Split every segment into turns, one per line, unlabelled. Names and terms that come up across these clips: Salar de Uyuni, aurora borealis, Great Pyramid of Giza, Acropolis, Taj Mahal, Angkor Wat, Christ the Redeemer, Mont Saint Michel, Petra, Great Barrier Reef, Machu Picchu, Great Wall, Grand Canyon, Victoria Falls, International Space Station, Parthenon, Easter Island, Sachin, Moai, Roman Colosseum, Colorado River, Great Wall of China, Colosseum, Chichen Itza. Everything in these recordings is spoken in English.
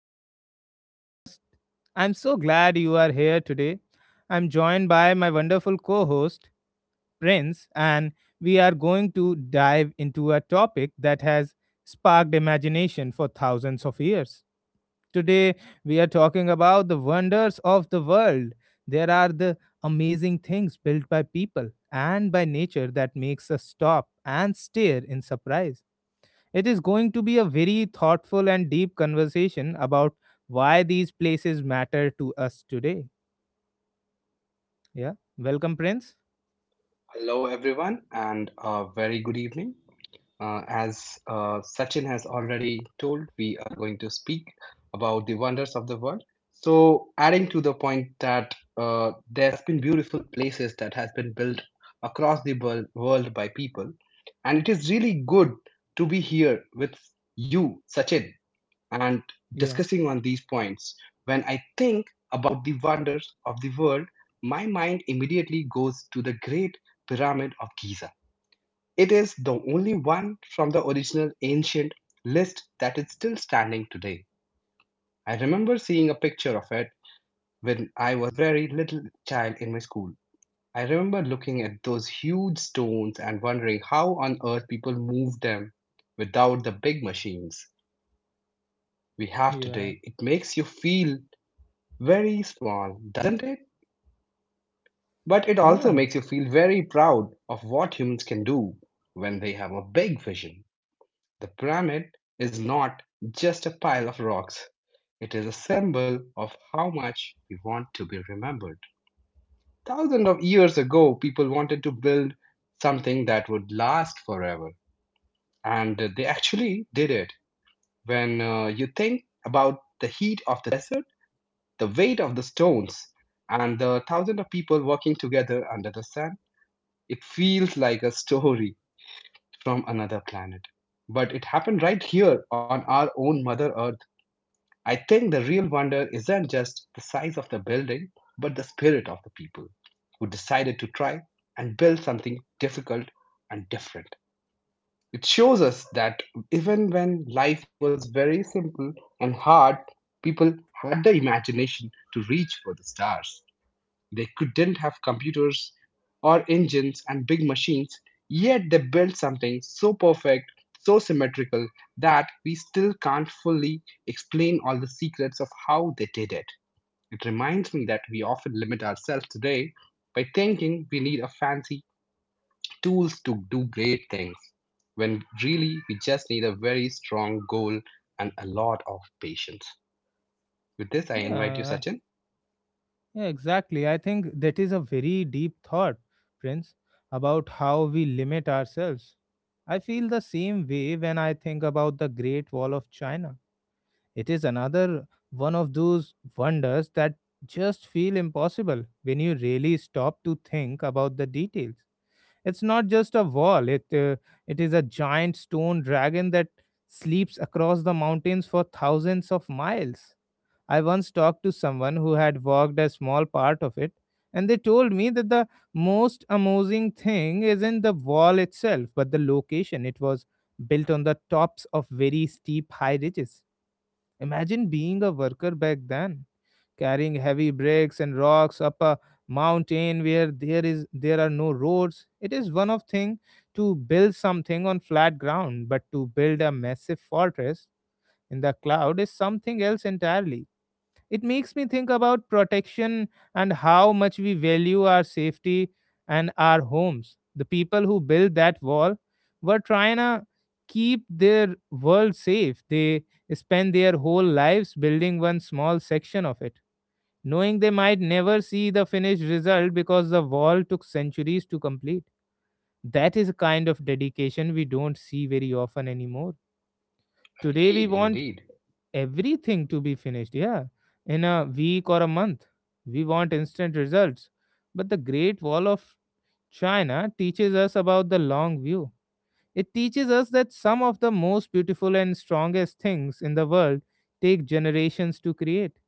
Welcome to our podcast. I'm so glad you are here today. I'm joined by my wonderful co host, Prince, and we are going to dive into a topic that has sparked imagination for thousands of years. Today, we are talking about the wonders of the world. There are the amazing things built by people and by nature that makes us stop and stare in surprise. It is going to be a very thoughtful and deep conversation about why these places matter to us today. Yeah. Welcome, Prince.
Hello, everyone, and a very good evening. As Sachin has already told, we are going to speak about the wonders of the world. So, adding to the point that there has been beautiful places that has been built across the world by people, and it is really good to be here with you, Sachin and
Yeah.
discussing on these points. When I think about the wonders of the world, my mind immediately goes to the Great Pyramid of Giza. It is the only one from the original ancient list that is still standing today. I remember seeing a picture of it when I was a very little child in my school. I remember looking at those huge stones and wondering how on earth people moved them without the big machines we have
Yeah.
today. It makes you feel very small, doesn't it? But it also
Yeah.
makes you feel very proud of what humans can do when they have a big vision. The pyramid is not just a pile of rocks, it is a symbol of how much we want to be remembered. Thousands of years ago, people wanted to build something that would last forever, and they actually did it. When you think about the heat of the desert, the weight of the stones and the thousands of people working together under the sun, it feels like a story from another planet. But it happened right here on our own Mother Earth. I think the real wonder isn't just the size of the building, but the spirit of the people who decided to try and build something difficult and different. It shows us that even when life was very simple and hard, people had the imagination to reach for the stars. They couldn't have computers or engines and big machines, yet they built something so perfect, so symmetrical, that we still can't fully explain all the secrets of how they did it. It reminds me that we often limit ourselves today by thinking we need a fancy tools to do great things, when really we just need a very strong goal and a lot of patience. With this, I invite you,
Yeah.
Sachin.
Yeah. Exactly. I think that is a very deep thought, Prince, about how we limit ourselves. I feel the same way when I think about the Great Wall of China. It is another one of those wonders that just feel impossible when you really stop to think about the details. It's not just a wall. It is a giant stone dragon that sleeps across the mountains for thousands of miles. I once talked to someone who had walked a small part of it, and they told me that the most amazing thing isn't the wall itself, but the location. It was built on the tops of very steep high ridges. Imagine being a worker back then, carrying heavy bricks and rocks up a mountain where there are no roads. It is one of thing to build something on flat ground, but to build a massive fortress in the cloud is something else entirely. It makes me think about protection and how much we value our safety and our homes. The people who built that wall were trying to keep their world safe. They spend their whole lives building one small section of it, knowing they might never see the finished result because the wall took centuries to complete. That is a kind of dedication we don't see very often anymore. Today, we
Indeed,
want
indeed.
everything to be finished, yeah, in a week or a month. We want instant results. But the Great Wall of China teaches us about the long view. It teaches us that some of the most beautiful and strongest things in the world take generations to create.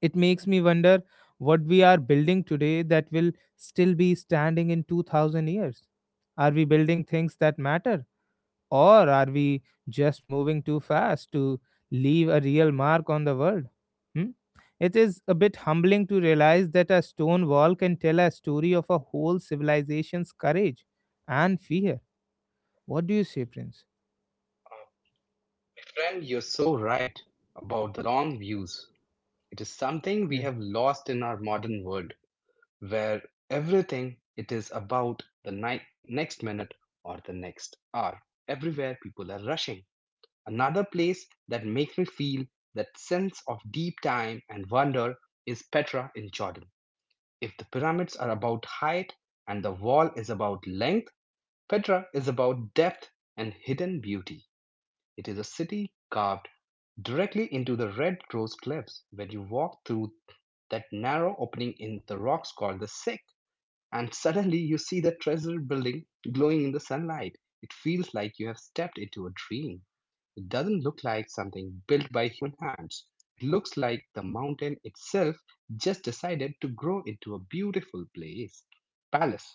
It makes me wonder what we are building today that will still be standing in 2000 years. Are we building things that matter? Or are we just moving too fast to leave a real mark on the world? Hmm? It is a bit humbling to realize that a stone wall can tell a story of a whole civilization's courage and fear. What do you say, Prince?
My Friend, you're so right about the long views. It is something we
Yeah,
have lost in our modern world where everything it is about the next minute or the next hour. Everywhere people are rushing. Another place that makes me feel that sense of deep time and wonder is Petra in Jordan. If the pyramids are about height and the wall is about length, Petra is about depth and hidden beauty. It is a city carved directly into the red rose cliffs. When you walk through that narrow opening in the rocks called the Sick, and suddenly you see the treasure building glowing in the sunlight, it feels like you have stepped into a dream. It doesn't look like something built by human hands. It looks like the mountain itself just decided to grow into a beautiful place, palace.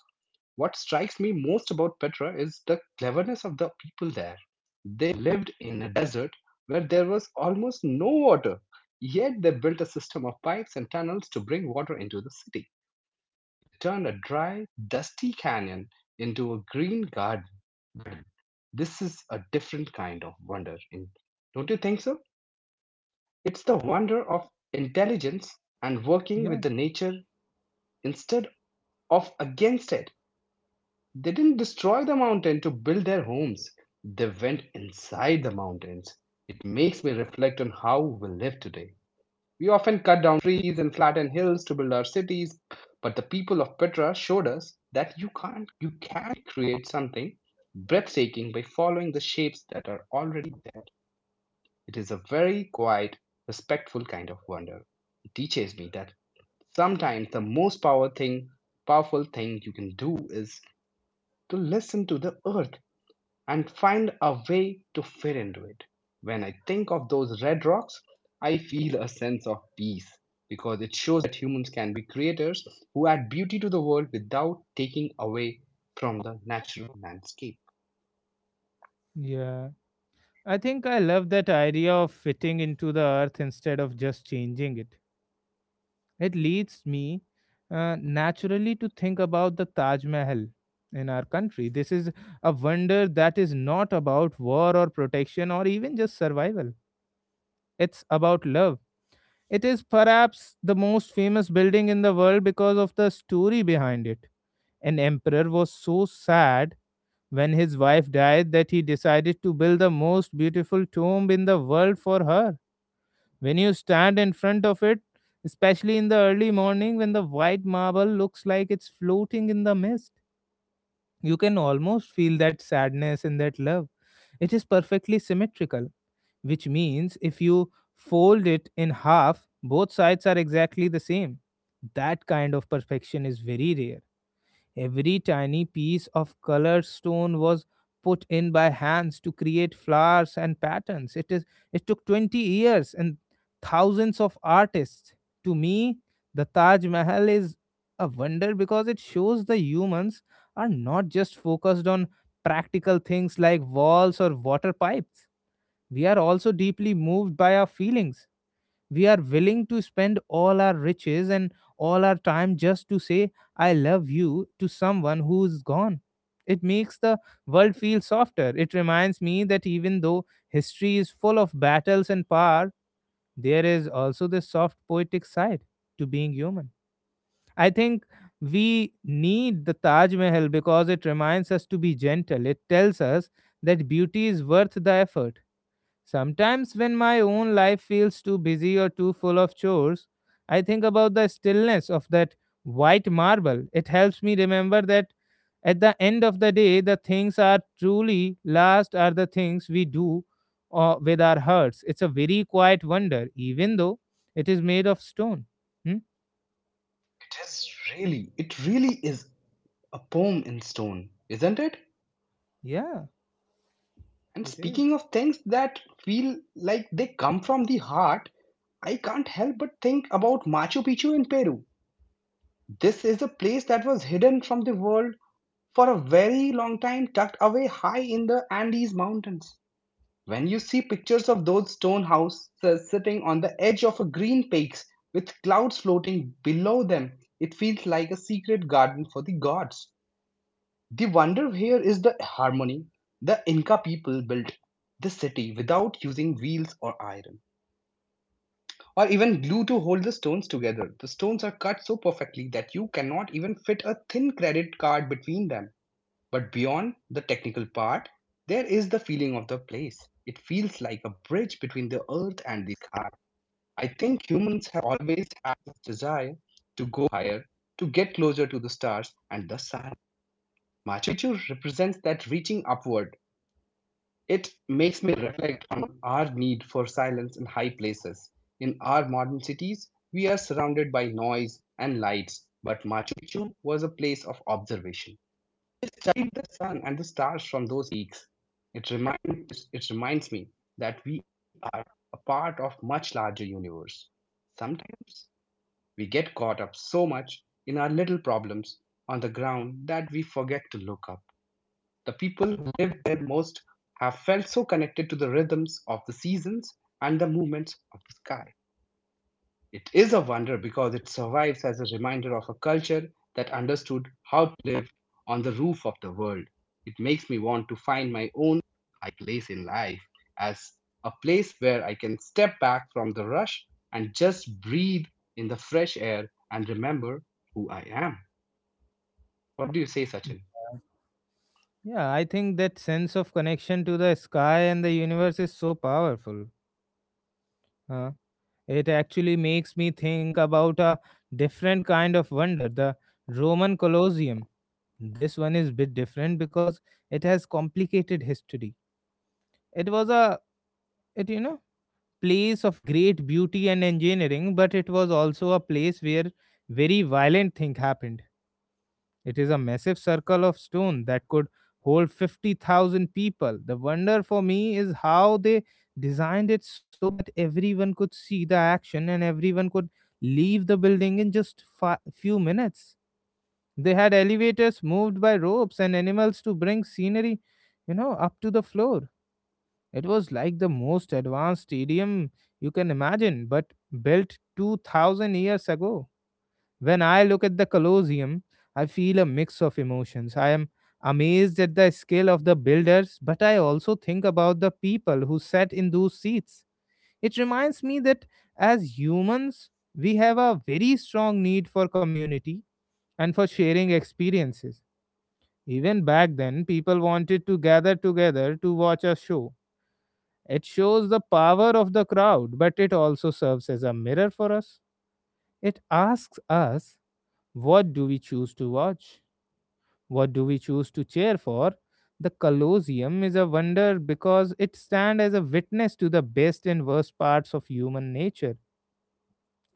What strikes me most about Petra is the cleverness of the people there. They lived in a desert where there was almost no water, yet they built a system of pipes and tunnels to bring water into the city. They turned a dry, dusty canyon into a green garden. This is a different kind of wonder, don't you think so? It's the wonder of intelligence and working with
yeah,
the nature instead of against it. They didn't destroy the mountain to build their homes. They went inside the mountains. It makes me reflect on how we live today. We often cut down trees and flatten hills to build our cities, but the people of Petra showed us that you can't you can create something breathtaking by following the shapes that are already there. It is a very quiet, respectful kind of wonder. It teaches me that sometimes the powerful thing you can do is to listen to the earth and find a way to fit into it. When I think of those red rocks, I feel a sense of peace because it shows that humans can be creators who add beauty to the world without taking away from the natural landscape.
yeah, I think I love that idea of fitting into the earth instead of just changing it. It leads me naturally to think about the Taj Mahal in our country. This is a wonder that is not about war or protection or even just survival, it's about love. It is perhaps the most famous building in the world because of the story behind it. An emperor was so sad when his wife died that he decided to build the most beautiful tomb in the world for her. When you stand in front of it, especially in the early morning when the white marble looks like it's floating in the mist, you can almost feel that sadness and that love. It is perfectly symmetrical, which means if you fold it in half, both sides are exactly the same. That kind of perfection is very rare. Every tiny piece of colored stone was put in by hands to create flowers and patterns. It took 20 years and thousands of artists. To me, the Taj Mahal is a wonder because it shows the humans are not just focused on practical things like walls or water pipes. We are also deeply moved by our feelings. We are willing to spend all our riches and all our time just to say I love you to someone who's gone. It makes the world feel softer. It reminds me that even though history is full of battles and power, there is also the soft poetic side to being human. I think we need the Taj Mahal because it reminds us to be gentle. It tells us that beauty is worth the effort. Sometimes, when my own life feels too busy or too full of chores, I think about the stillness of that white marble. It helps me remember that at the end of the day, the things are truly last are the things we do with our hearts. It's a very quiet wonder, even though it is made of stone. Hmm?
It is really, it really is a poem in stone, isn't it?
Yeah,
And
it is.
speaking of things that feel like they come from the heart, I can't help but think about Machu Picchu in Peru. This is a place that was hidden from the world for a very long time, tucked away high in the Andes mountains. When you see pictures of those stone houses sitting on the edge of a green peaks with clouds floating below them, it feels like a secret garden for the gods. The wonder here is the harmony. The Inca people built the city without using wheels or iron or even glue to hold the stones together. The stones are cut so perfectly that you cannot even fit a thin credit card between them. But beyond the technical part, there is the feeling of the place. It feels like a bridge between the earth and the sky. I think humans have always had this desire to go higher, to get closer to the stars and the sun. Machu Picchu represents that reaching upward. It makes me reflect on our need for silence in high places. In our modern cities, we are surrounded by noise and lights, but Machu Picchu was a place of observation. It studied the sun and the stars from those peaks. It, remind, it reminds me that we are a part of much larger universe. Sometimes we get caught up so much in our little problems on the ground that we forget to look up. The people who lived there most have felt so connected to the rhythms of the seasons and the movements of the sky. It is a wonder because it survives as a reminder of a culture that understood how to live on the roof of the world. It makes me want to find my own high place in life as a place where I can step back from the rush and just breathe in the fresh air and remember who I am. What do you say,
Y-
Sachin?
Yeah, I think that sense of connection to the sky and the universe is so powerful. Huh? It actually makes me think about a different kind of wonder, the Roman Colosseum. This one is bit different because it has complicated history. It was a it you know place of great beauty and engineering, but it was also a place where very violent thing happened. It is a massive circle of stone that could hold 50,000 people. The wonder for me is how they designed it so that everyone could see the action and everyone could leave the building in just few minutes. They had elevators moved by ropes and animals to bring scenery, up to the floor. It was like the most advanced stadium you can imagine, but built 2000 years ago. When I look at the Colosseum, I feel a mix of emotions. I am amazed at the skill of the builders, but I also think about the people who sat in those seats. It reminds me that as humans, we have a very strong need for community and for sharing experiences. Even back then, people wanted to gather together to watch a show. It shows the power of the crowd, but it also serves as a mirror for us. It asks us, what do we choose to watch? What do we choose to cheer for? The Colosseum is a wonder because it stands as a witness to the best and worst parts of human nature.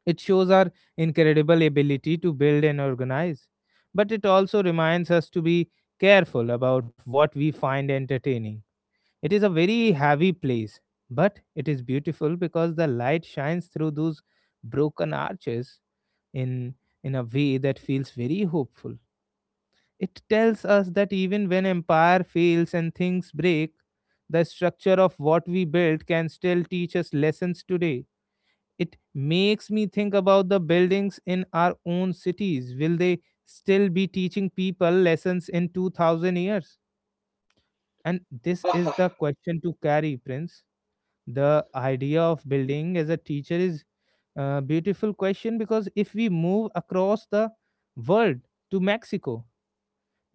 It shows our incredible ability to build and organize, but it also reminds us to be careful about what we find entertaining. It is a very heavy place, but it is beautiful because the light shines through those broken arches in in a way that feels very hopeful. It tells us that even when empire fails and things break, the structure of what we built can still teach us lessons today. It makes me think about the buildings in our own cities. Will they still be teaching people lessons in 2000 years? And this is the question to carry, Prince. The idea of building as a teacher is a beautiful question because if we move across the world to Mexico,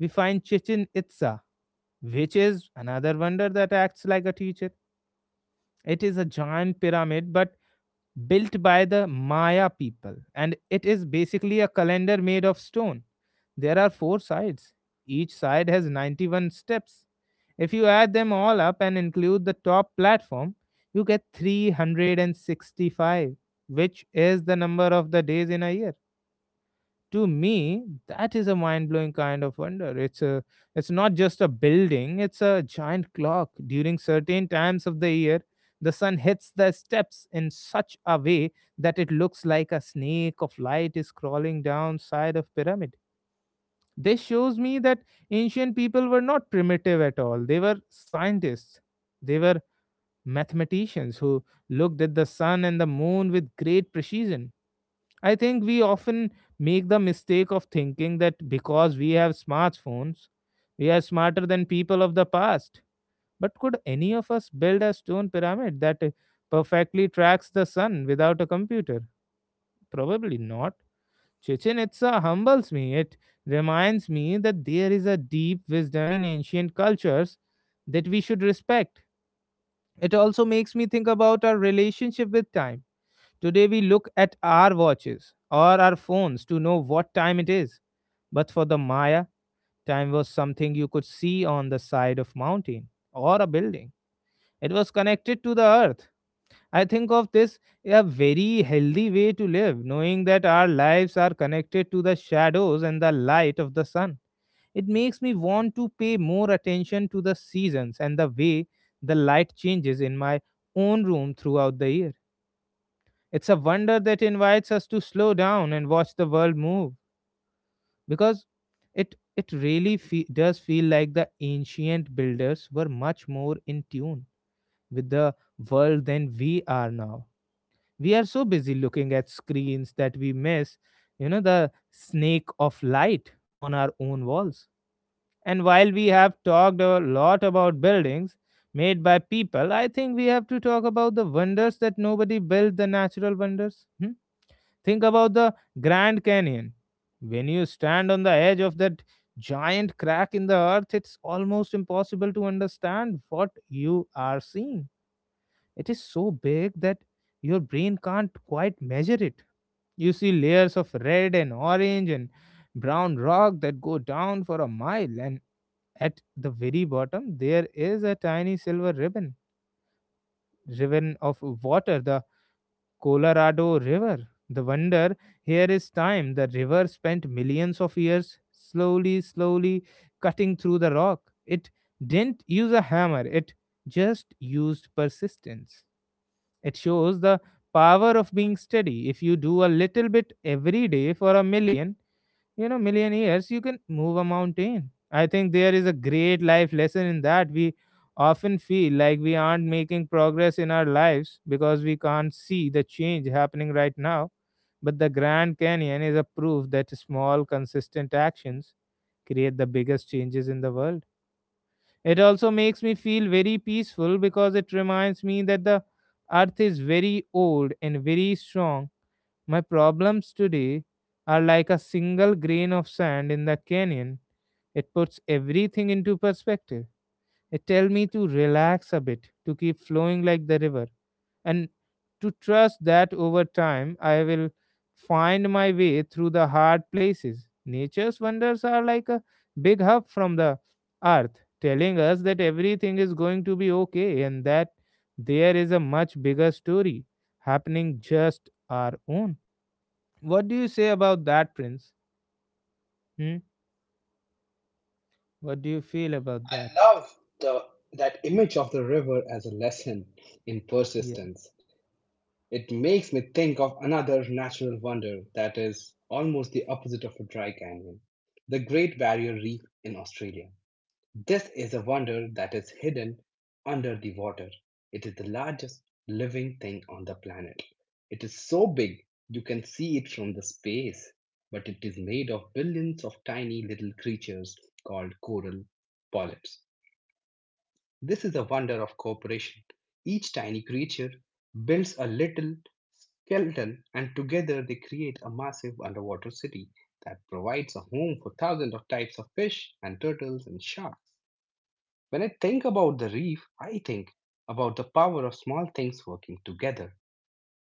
we find Chichen Itza, which is another wonder that acts like a teacher. It is a giant pyramid, but built by the Maya people, and it is basically a calendar made of stone. There are four sides, each side has 91 steps. If you add them all up and include the top platform, you get 365, which is the number of the days in a year. To me that is a mind-blowing kind of wonder. It's not just a building, it's a giant clock. During certain times of the year, the sun hits the steps in such a way that it looks like a snake of light is crawling down side of pyramid. This shows me that ancient people were not primitive at all, they were scientists. They were mathematicians who looked at the sun and the moon with great precision. I think we often make the mistake of thinking that because we have smartphones, we are smarter than people of the past. But could any of us build a stone pyramid that perfectly tracks the sun without a computer? Probably not. Chichen Itza humbles me. It reminds me that there is a deep wisdom in ancient cultures that we should respect. It also makes me think about our relationship with time. Today we look at our watches or our phones to know what time it is. But for the Maya, time was something you could see on the side of mountain or a building. It was connected to the earth. I think of this a very healthy way to live, knowing that our lives are connected to the shadows and the light of the sun. It makes me want to pay more attention to the seasons and the way the light changes in my own room throughout the year. It's a wonder that invites us to slow down and watch the world move because it really does feel like the ancient builders were much more in tune with the world than we are now. We are so busy looking at screens that we miss the snake of light on our own walls. And while we have talked a lot about buildings made by people, I think we have to talk about the wonders that nobody built, the natural wonders. Hmm? Think about the Grand Canyon. When you stand on the edge of that giant crack in the earth, it's almost impossible to understand what you are seeing. It is so big that your brain can't quite measure it. You see layers of red and orange and brown rock that go down for a mile, and at the very bottom, there is a tiny silver ribbon of water, the Colorado River. The wonder here is time. The river spent millions of years slowly, slowly cutting through the rock. It didn't use a hammer, it just used persistence. It shows the power of being steady. If you do a little bit every day for a million years, you can move a mountain. I think there is a great life lesson in that. We often feel like we aren't making progress in our lives because we can't see the change happening right now, but the Grand Canyon is a proof that small consistent actions create the biggest changes in the world. It also makes me feel very peaceful because it reminds me that the earth is very old and very strong. My problems today are like a single grain of sand in the canyon. It puts everything into perspective. It tells me to relax a bit, to keep flowing like the river, and to trust that over time I will find my way through the hard places. Nature's wonders are like a big hug from the earth, telling us that everything is going to be okay and that there is a much bigger story happening just our own. What do you say about that, Prince? Hmm? What do you feel about
I
that?
love the that image of the river as a lesson in
Yeah,
persistence. It makes me think of another natural wonder that is almost the opposite of a dry canyon, the Great Barrier Reef in Australia. This is a wonder that is hidden under the water. It is the largest living thing on the planet. It is so big you can see it from the space, but it is made of billions of tiny little creatures called coral polyps. This is the wonder of cooperation. Each tiny creature builds a little skeleton, and together they create a massive underwater city that provides a home for thousands of types of fish and turtles and sharks. When I think about the reef, I think about the power of small things working together.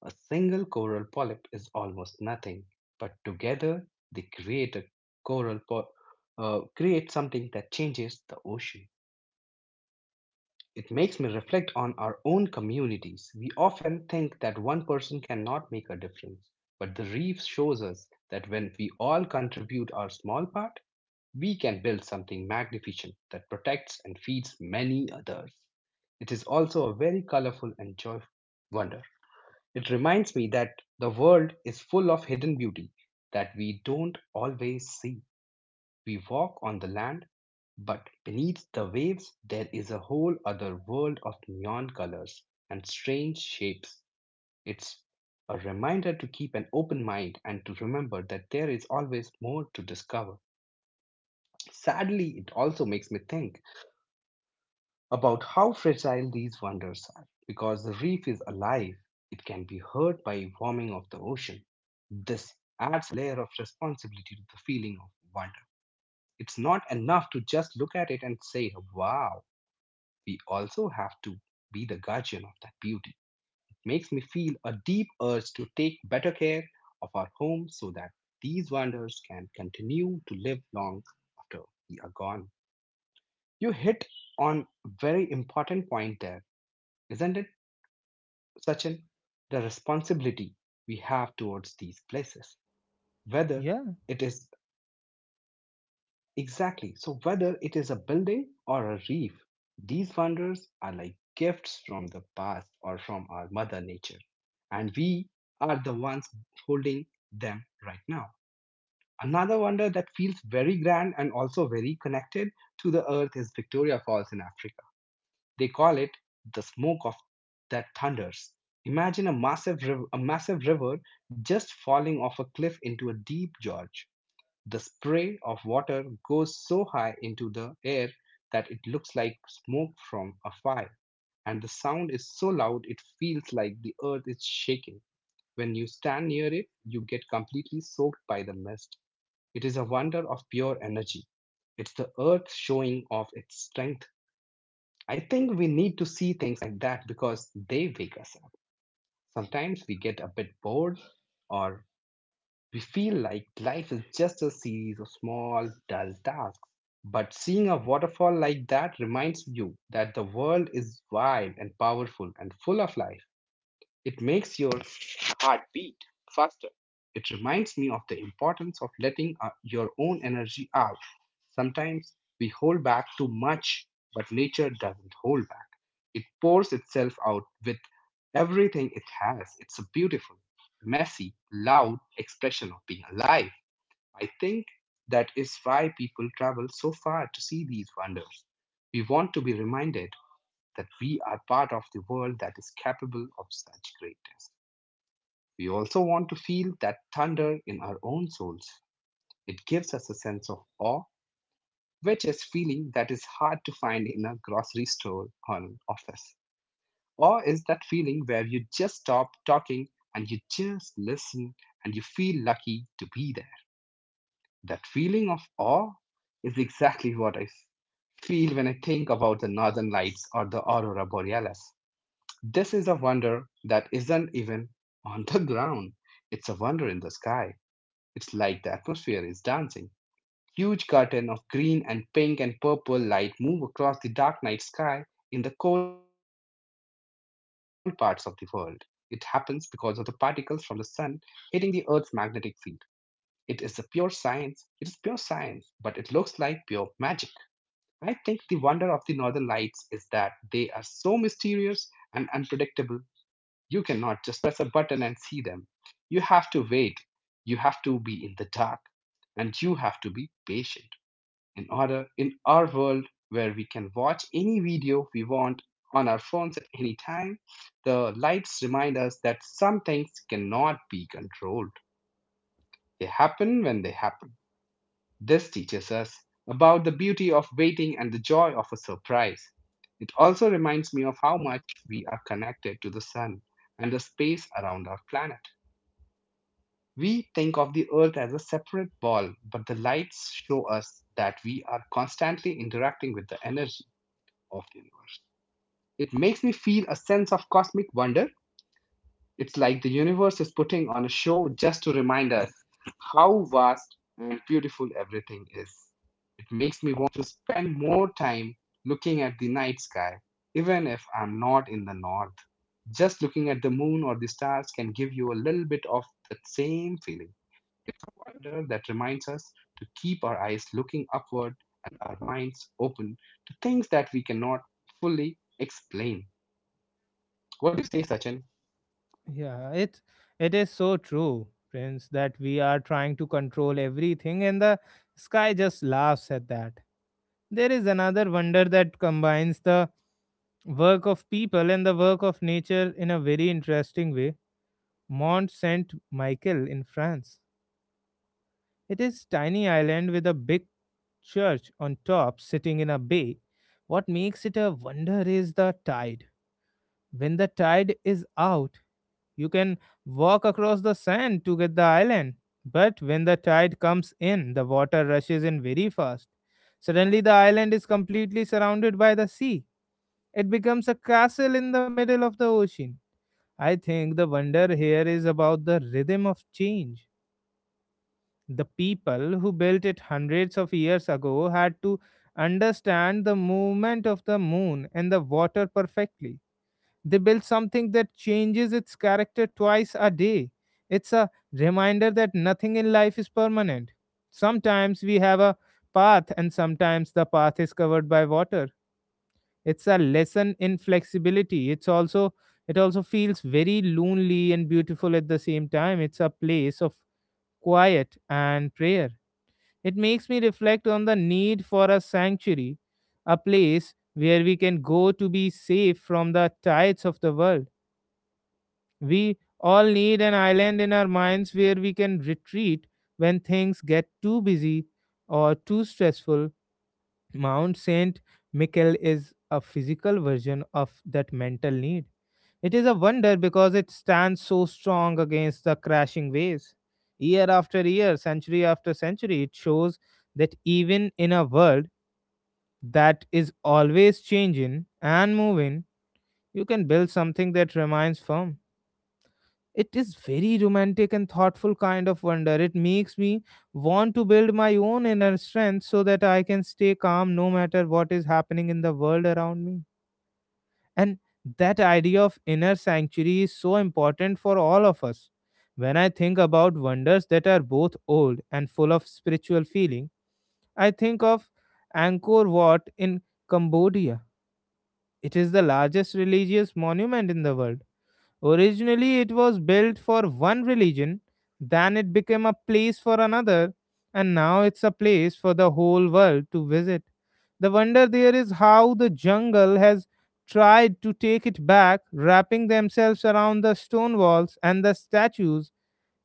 A single coral polyp is almost nothing, but together they create a coral polyp. Create something that changes the ocean. It makes me reflect on our own communities. We often think that one person cannot make a difference, but the reef shows us that when we all contribute our small part, we can build something magnificent that protects and feeds many others. It is also a very colorful and joyful wonder. It reminds me that the world is full of hidden beauty that we don't always see. We walk on the land, but beneath the waves there is a whole other world of neon colors and strange shapes. It's a reminder to keep an open mind and to remember that there is always more to discover. Sadly, it also makes me think about how fragile these wonders are because the reef is alive. It can be hurt by warming of the ocean. This adds a layer of responsibility to the feeling of wonder. It's not enough to just look at it and say, wow, we also have to be the guardian of that beauty. It makes me feel a deep urge to take better care of our home so that these wonders can continue to live long after we are gone. You hit on a very important point there, isn't it, Sachin? The responsibility we have towards these places, whether
yeah,
it is... Exactly. So whether it is a building or a reef, these wonders are like gifts from the past or from our mother nature. And we are the ones holding them right now. Another wonder that feels very grand and also very connected to the earth is Victoria Falls in Africa. They call it the smoke of that thunders. Imagine a massive river, just falling off a cliff into a deep gorge. The spray of water goes so high into the air that it looks like smoke from a fire, and the sound is so loud it feels like the earth is shaking. When you stand near it, you get completely soaked by the mist. It is a wonder of pure energy. It's the earth showing off its strength. I think we need to see things like that because they wake us up. Sometimes we get a bit bored, or we feel like life is just a series of small, dull tasks. But seeing a waterfall like that reminds you that the world is wide and powerful and full of life. It makes your heart beat. It reminds me of the importance of letting your own energy out. Sometimes we hold back too much, but nature doesn't hold back. It pours itself out with everything it has. It's a beautiful, messy, loud expression of being alive. I think that is why people travel so far to see these wonders. We want to be reminded that we are part of the world that is capable of such greatness. We also want to feel that thunder in our own souls. It gives us a sense of awe, which is feeling that is hard to find in a grocery store or an office. Awe is that feeling where you just stop talking and you just listen and you feel lucky to be there. That feeling of awe is exactly what I feel when I think about the northern lights or the aurora borealis. This is a wonder that isn't even on the ground. It's a wonder in the sky. It's like the atmosphere is dancing. Huge curtain of green and pink and purple light move across the dark night sky in the cold parts of the world. It happens because of the particles from the sun hitting the Earth's magnetic field. It is a pure science. It is pure science, but it looks like pure magic. I think the wonder of the northern lights is that they are so mysterious and unpredictable. You cannot just press a button and see them. You have to wait. You have to be in the dark and you have to be patient. In order in our world where we can watch any video we want on our phones at any time, the lights remind us that some things cannot be controlled. They happen when they happen. This teaches us about the beauty of waiting and the joy of a surprise. It also reminds me of how much we are connected to the sun and the space around our planet. We think of the earth as a separate ball, but the lights show us that we are constantly interacting with the energy of the universe. It makes me feel a sense of cosmic wonder. It's like the universe is putting on a show just to remind us how vast and beautiful everything is. It makes me want to spend more time looking at the night sky, even if I'm not in the north. Just looking at the moon or the stars can give you a little bit of that same feeling. It's a wonder that reminds us to keep our eyes looking upward and our minds open to things that we cannot fully explain. What do you say, Sachin?
yeah. It is so true, Prince, that we are trying to control everything, and the sky just laughs at that. There is another wonder that combines the work of people and the work of nature in a very interesting way. Mont Saint Michel in France. It is tiny island with a big church on top sitting in a bay. What makes it a wonder is the tide. When the tide is out, you can walk across the sand to get the island. But when the tide comes in, the water rushes in very fast. Suddenly, the island is completely surrounded by the sea. It becomes a castle in the middle of the ocean. I think the wonder here is about the rhythm of change. The people who built it hundreds of years ago had to understand the movement of the moon and the water perfectly. They built something that changes its character twice a day. It's a reminder that nothing in life is permanent. Sometimes we have a path, and sometimes the path is covered by water. It's a lesson in flexibility. It also feels very lonely and beautiful at the same time. It's a place of quiet and prayer. It makes me reflect on the need for a sanctuary, a place where we can go to be safe from the tides of the world. We all need an island in our minds where we can retreat when things get too busy or too stressful. Mount St. Michael is a physical version of that mental need. It is a wonder because it stands so strong against the crashing waves. Year after year, century after century, it shows that even in a world that is always changing and moving, you can build something that remains firm. It is very romantic and thoughtful kind of wonder. It makes me want to build my own inner strength so that I can stay calm no matter what is happening in the world around me. And that idea of inner sanctuary is so important for all of us. When I think about wonders that are both old and full of spiritual feeling, I think of Angkor Wat in Cambodia. It is the largest religious monument in the world. Originally, it was built for one religion, then it became a place for another, and now it's a place for the whole world to visit. The wonder there is how the jungle has tried to take it back, wrapping themselves around the stone walls and the statues.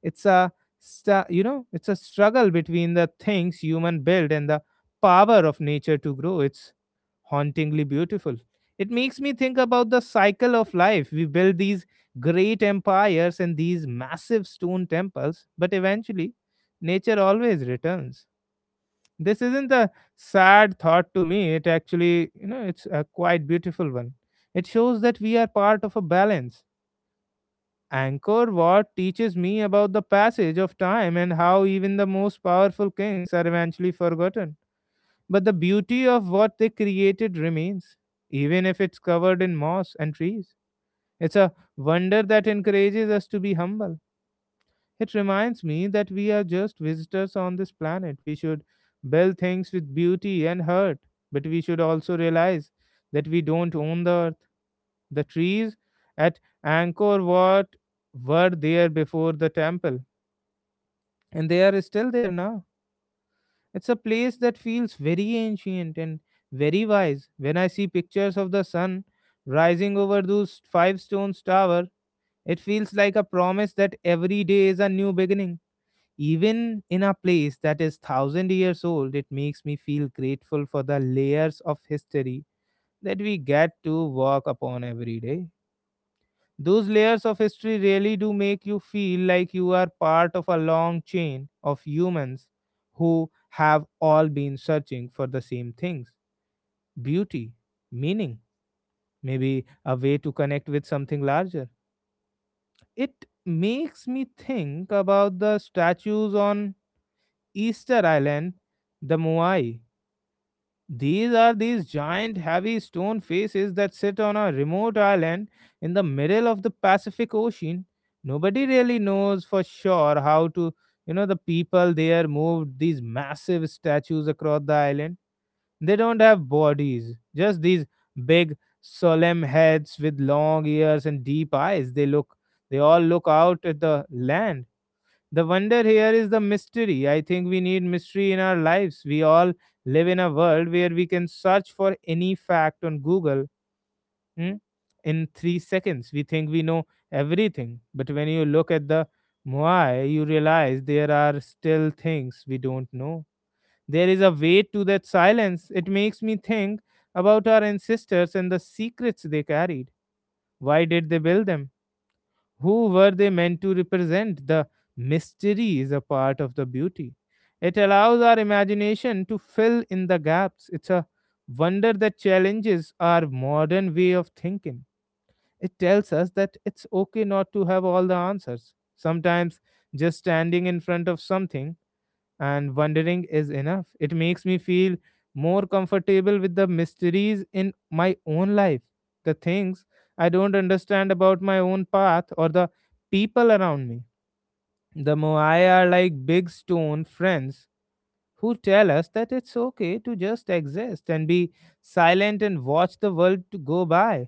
It's a sta- you know, it's a struggle between the things human build and the power of nature to grow. It's hauntingly beautiful. It makes me think about the cycle of life. We build these great empires and these massive stone temples, but eventually, nature always returns. This isn't a sad thought to me. It actually, it's a quite beautiful one. It shows that we are part of a balance. Angkor Wat teaches me about the passage of time and how even the most powerful kings are eventually forgotten. But the beauty of what they created remains, even if it's covered in moss and trees. It's a wonder that encourages us to be humble. It reminds me that we are just visitors on this planet. We should build things with beauty and heart, but we should also realize that we don't own the earth. The trees at Angkor Wat were there before the temple, and they are still there now. It's a place that feels very ancient and very wise. When I see pictures of the sun rising over those five stones tower, it feels like a promise that every day is a new beginning. Even in a place that is 1,000 years old, it makes me feel grateful for the layers of history that we get to walk upon every day. Those layers of history really do make you feel like you are part of a long chain of humans who have all been searching for the same things: beauty, meaning, maybe a way to connect with something larger. It makes me think about the statues on Easter Island, the Moai. These are these giant, heavy stone faces that sit on a remote island in the middle of the Pacific Ocean. Nobody really knows for sure how to, you know, the people there moved these massive statues across the island. They don't have bodies, just these big, solemn heads with long ears and deep eyes. They all look out at the land. The wonder here is the mystery. I think we need mystery in our lives. We all live in a world where we can search for any fact on Google hmm, in 3 seconds. We think we know everything. But when you look at the Moai, you realize there are still things we don't know. There is a weight to that silence. It makes me think about our ancestors and the secrets they carried. Why did they build them? Who were they meant to represent? The mystery is a part of the beauty. It allows our imagination to fill in the gaps. It's a wonder that challenges our modern way of thinking. It tells us that it's okay not to have all the answers. Sometimes just standing in front of something and wondering is enough. It makes me feel more comfortable with the mysteries in my own life, the things I don't understand about my own path or the people around me. The Moai are like big stone friends who tell us that it's okay to just exist and be silent and watch the world to go by.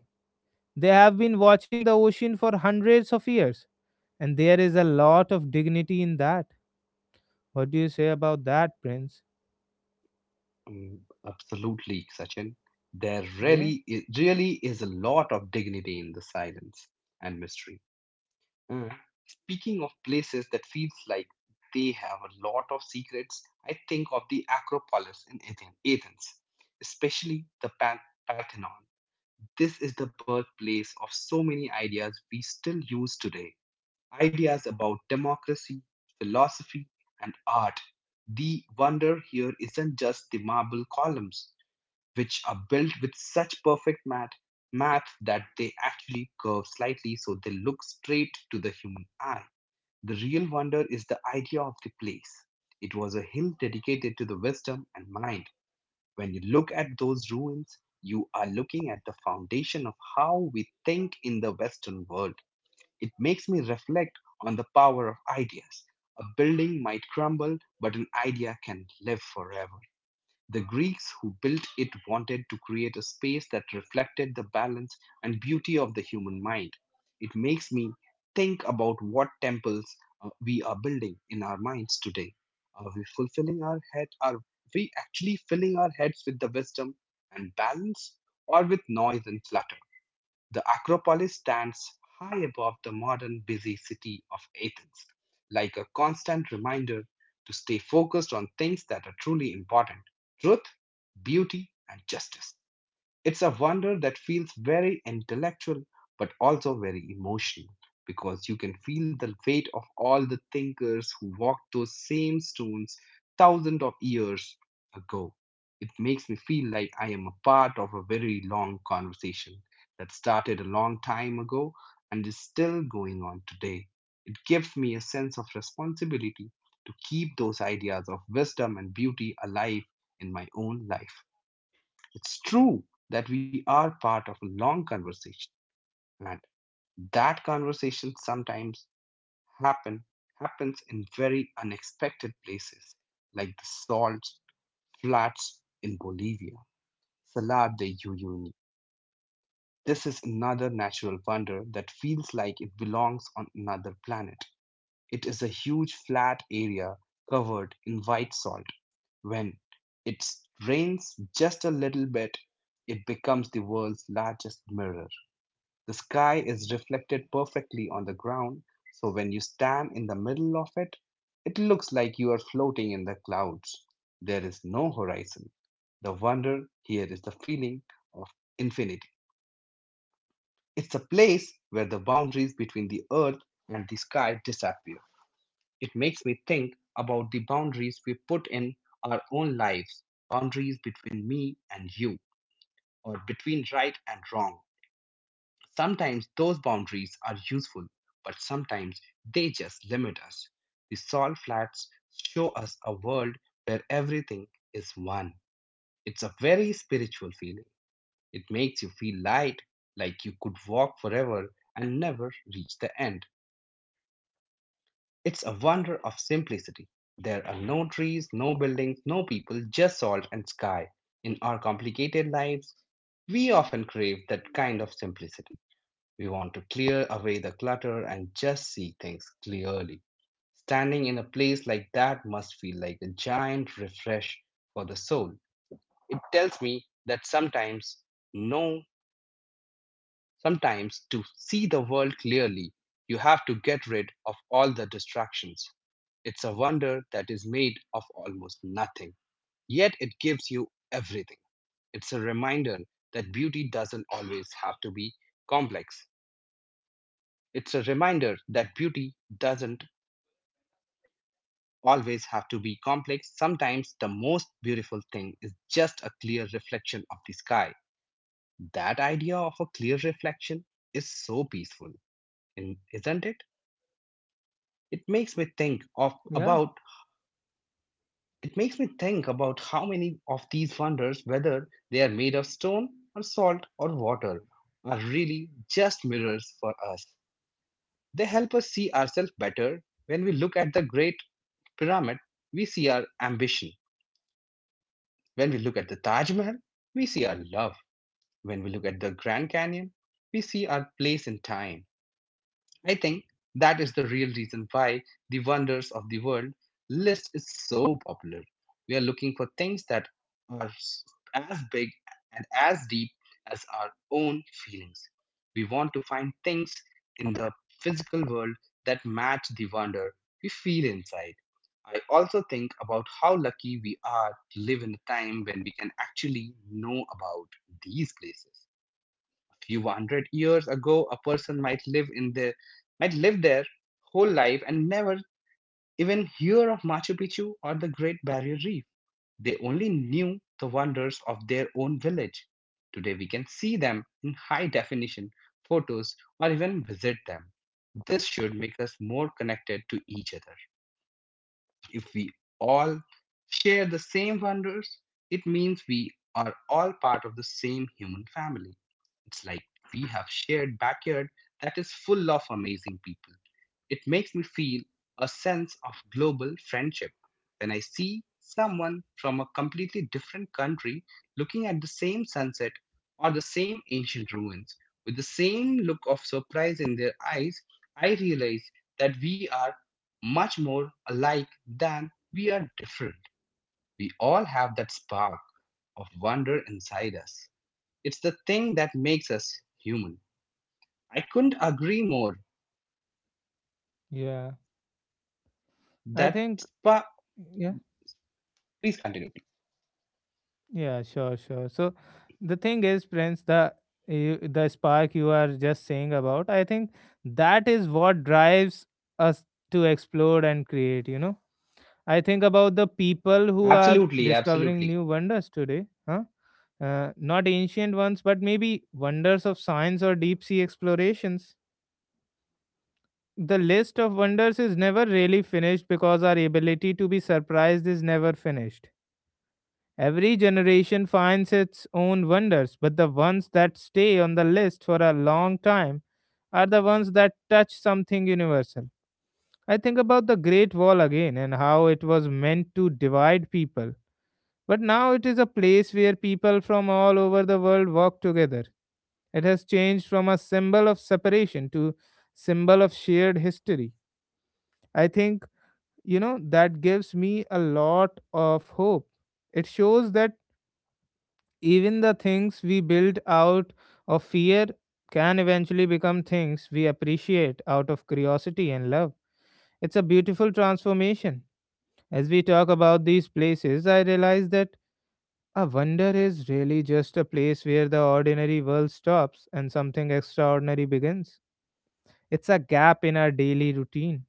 They have been watching the ocean for hundreds of years, and there is a lot of dignity in that. What do you say about that, Prince?
Mm, absolutely, Sachin.
Yeah.
Really is a lot of dignity in the silence and mystery. Uh, Speaking of places that feels like they have a lot of secrets, I think of the Acropolis in Athens, especially the Parthenon. This is the birthplace of so many ideas we still use today. Ideas about democracy, philosophy, and art. The wonder here isn't just the marble columns, which are built with such perfect math that they actually curve slightly so they look straight to the human eye. The real wonder is the idea of the place. It was a hill dedicated to the wisdom and mind. When you look at those ruins, you are looking at the foundation of how we think in the Western world. It makes me reflect on the power of ideas. A building might crumble, but an idea can live forever. The Greeks who built it wanted to create a space that reflected the balance and beauty of the human mind. It makes me think about what temples we are building in our minds today. Are we fulfilling our head? Are we actually filling our heads with the wisdom and balance, or with noise and clutter? The Acropolis stands high above the modern busy city of Athens, like a constant reminder to stay focused on things that are truly important: truth, beauty, and justice. It's a wonder that feels very intellectual but also very emotional, because you can feel the weight of all the thinkers who walked those same stones thousands of years ago. It makes me feel like I am a part of a very long conversation that started a long time ago and is still going on today. It gives me a sense of responsibility to keep those ideas of wisdom and beauty alive in my own life. It's true that we are part of a long conversation, and that conversation sometimes happen happens in very unexpected places, like the salt flats in Bolivia. Salar de Uyuni. This is another natural wonder that feels like it belongs on another planet. It is a huge flat area covered in white salt. When it rains just a little bit, it becomes the world's largest mirror. The sky is reflected perfectly on the ground, so when you stand in the middle of it, it looks like you are floating in the clouds. There is no horizon. The wonder here is the feeling of infinity. It's a place where the boundaries between the earth and the sky disappear. It makes me think about the boundaries we put in our own lives, boundaries between me and you, or between right and wrong. Sometimes those boundaries are useful, but sometimes they just limit us. The salt flats show us a world where everything is one. It's a very spiritual feeling. It makes you feel light, like you could walk forever and never reach the end. It's a wonder of simplicity. There are no trees, no buildings, no people, just salt and sky. In our complicated lives, we often crave that kind of simplicity. We want to clear away the clutter and just see things clearly. Standing in a place like that must feel like a giant refresh for the soul. It tells me that sometimes, no, sometimes to see the world clearly, you have to get rid of all the distractions. It's a wonder that is made of almost nothing, yet it gives you everything. It's a reminder that beauty doesn't always have to be complex. It's a reminder that beauty doesn't always have to be complex. Sometimes the most beautiful thing is just a clear reflection of the sky. That idea of a clear reflection is so peaceful, isn't it? It makes me think of
Yeah.
about It makes me think about how many of these wonders, whether they are made of stone or salt or water, are really just mirrors for us. They help us see ourselves better. When we look at the great pyramid, we see our ambition. When we look at the Taj Mahal, we see our love. When we look at the Grand Canyon, we see our place in time. I think that is the real reason why the Wonders of the World list is so popular. We are looking for things that are as big and as deep as our own feelings. We want to find things in the physical world that match the wonder we feel inside. I also think about how lucky we are to live in a time when we can actually know about these places. Few hundred years ago, a person might live in their might live their whole life and never even hear of Machu Picchu or the Great Barrier Reef. They only knew the wonders of their own village. Today we can see them in high definition photos or even visit them. This should make us more connected to each other. If we all share the same wonders, it means we are all part of the same human family. It's like we have shared backyard that is full of amazing people. It makes me feel a sense of global friendship. When I see someone from a completely different country looking at the same sunset or the same ancient ruins with the same look of surprise in their eyes, I realize that we are much more alike than we are different. We all have that spark of wonder inside us. It's the thing that makes us human. I couldn't agree more.
Yeah, I
That…
think, yeah,
Please continue.
yeah, sure, sure. So the thing is, Prince, the spark you are just saying about, I think that is what drives us to explore and create. You know, I think about the people who are
Absolutely,
discovering
absolutely,
new wonders today, huh? Not ancient ones, but maybe wonders of science or deep sea explorations. The list of wonders is never really finished because our ability to be surprised is never finished. Every generation finds its own wonders, but the ones that stay on the list for a long time are the ones that touch something universal. I think about the Great Wall again and how it was meant to divide people. But now it is a place where people from all over the world walk together. It has changed from a symbol of separation to symbol of shared history. I think, you know, that gives me a lot of hope. It shows that even the things we build out of fear can eventually become things we appreciate out of curiosity and love. It's a beautiful transformation. As we talk about these places, I realize that a wonder is really just a place where the ordinary world stops and something extraordinary begins. It's a gap in our daily routine.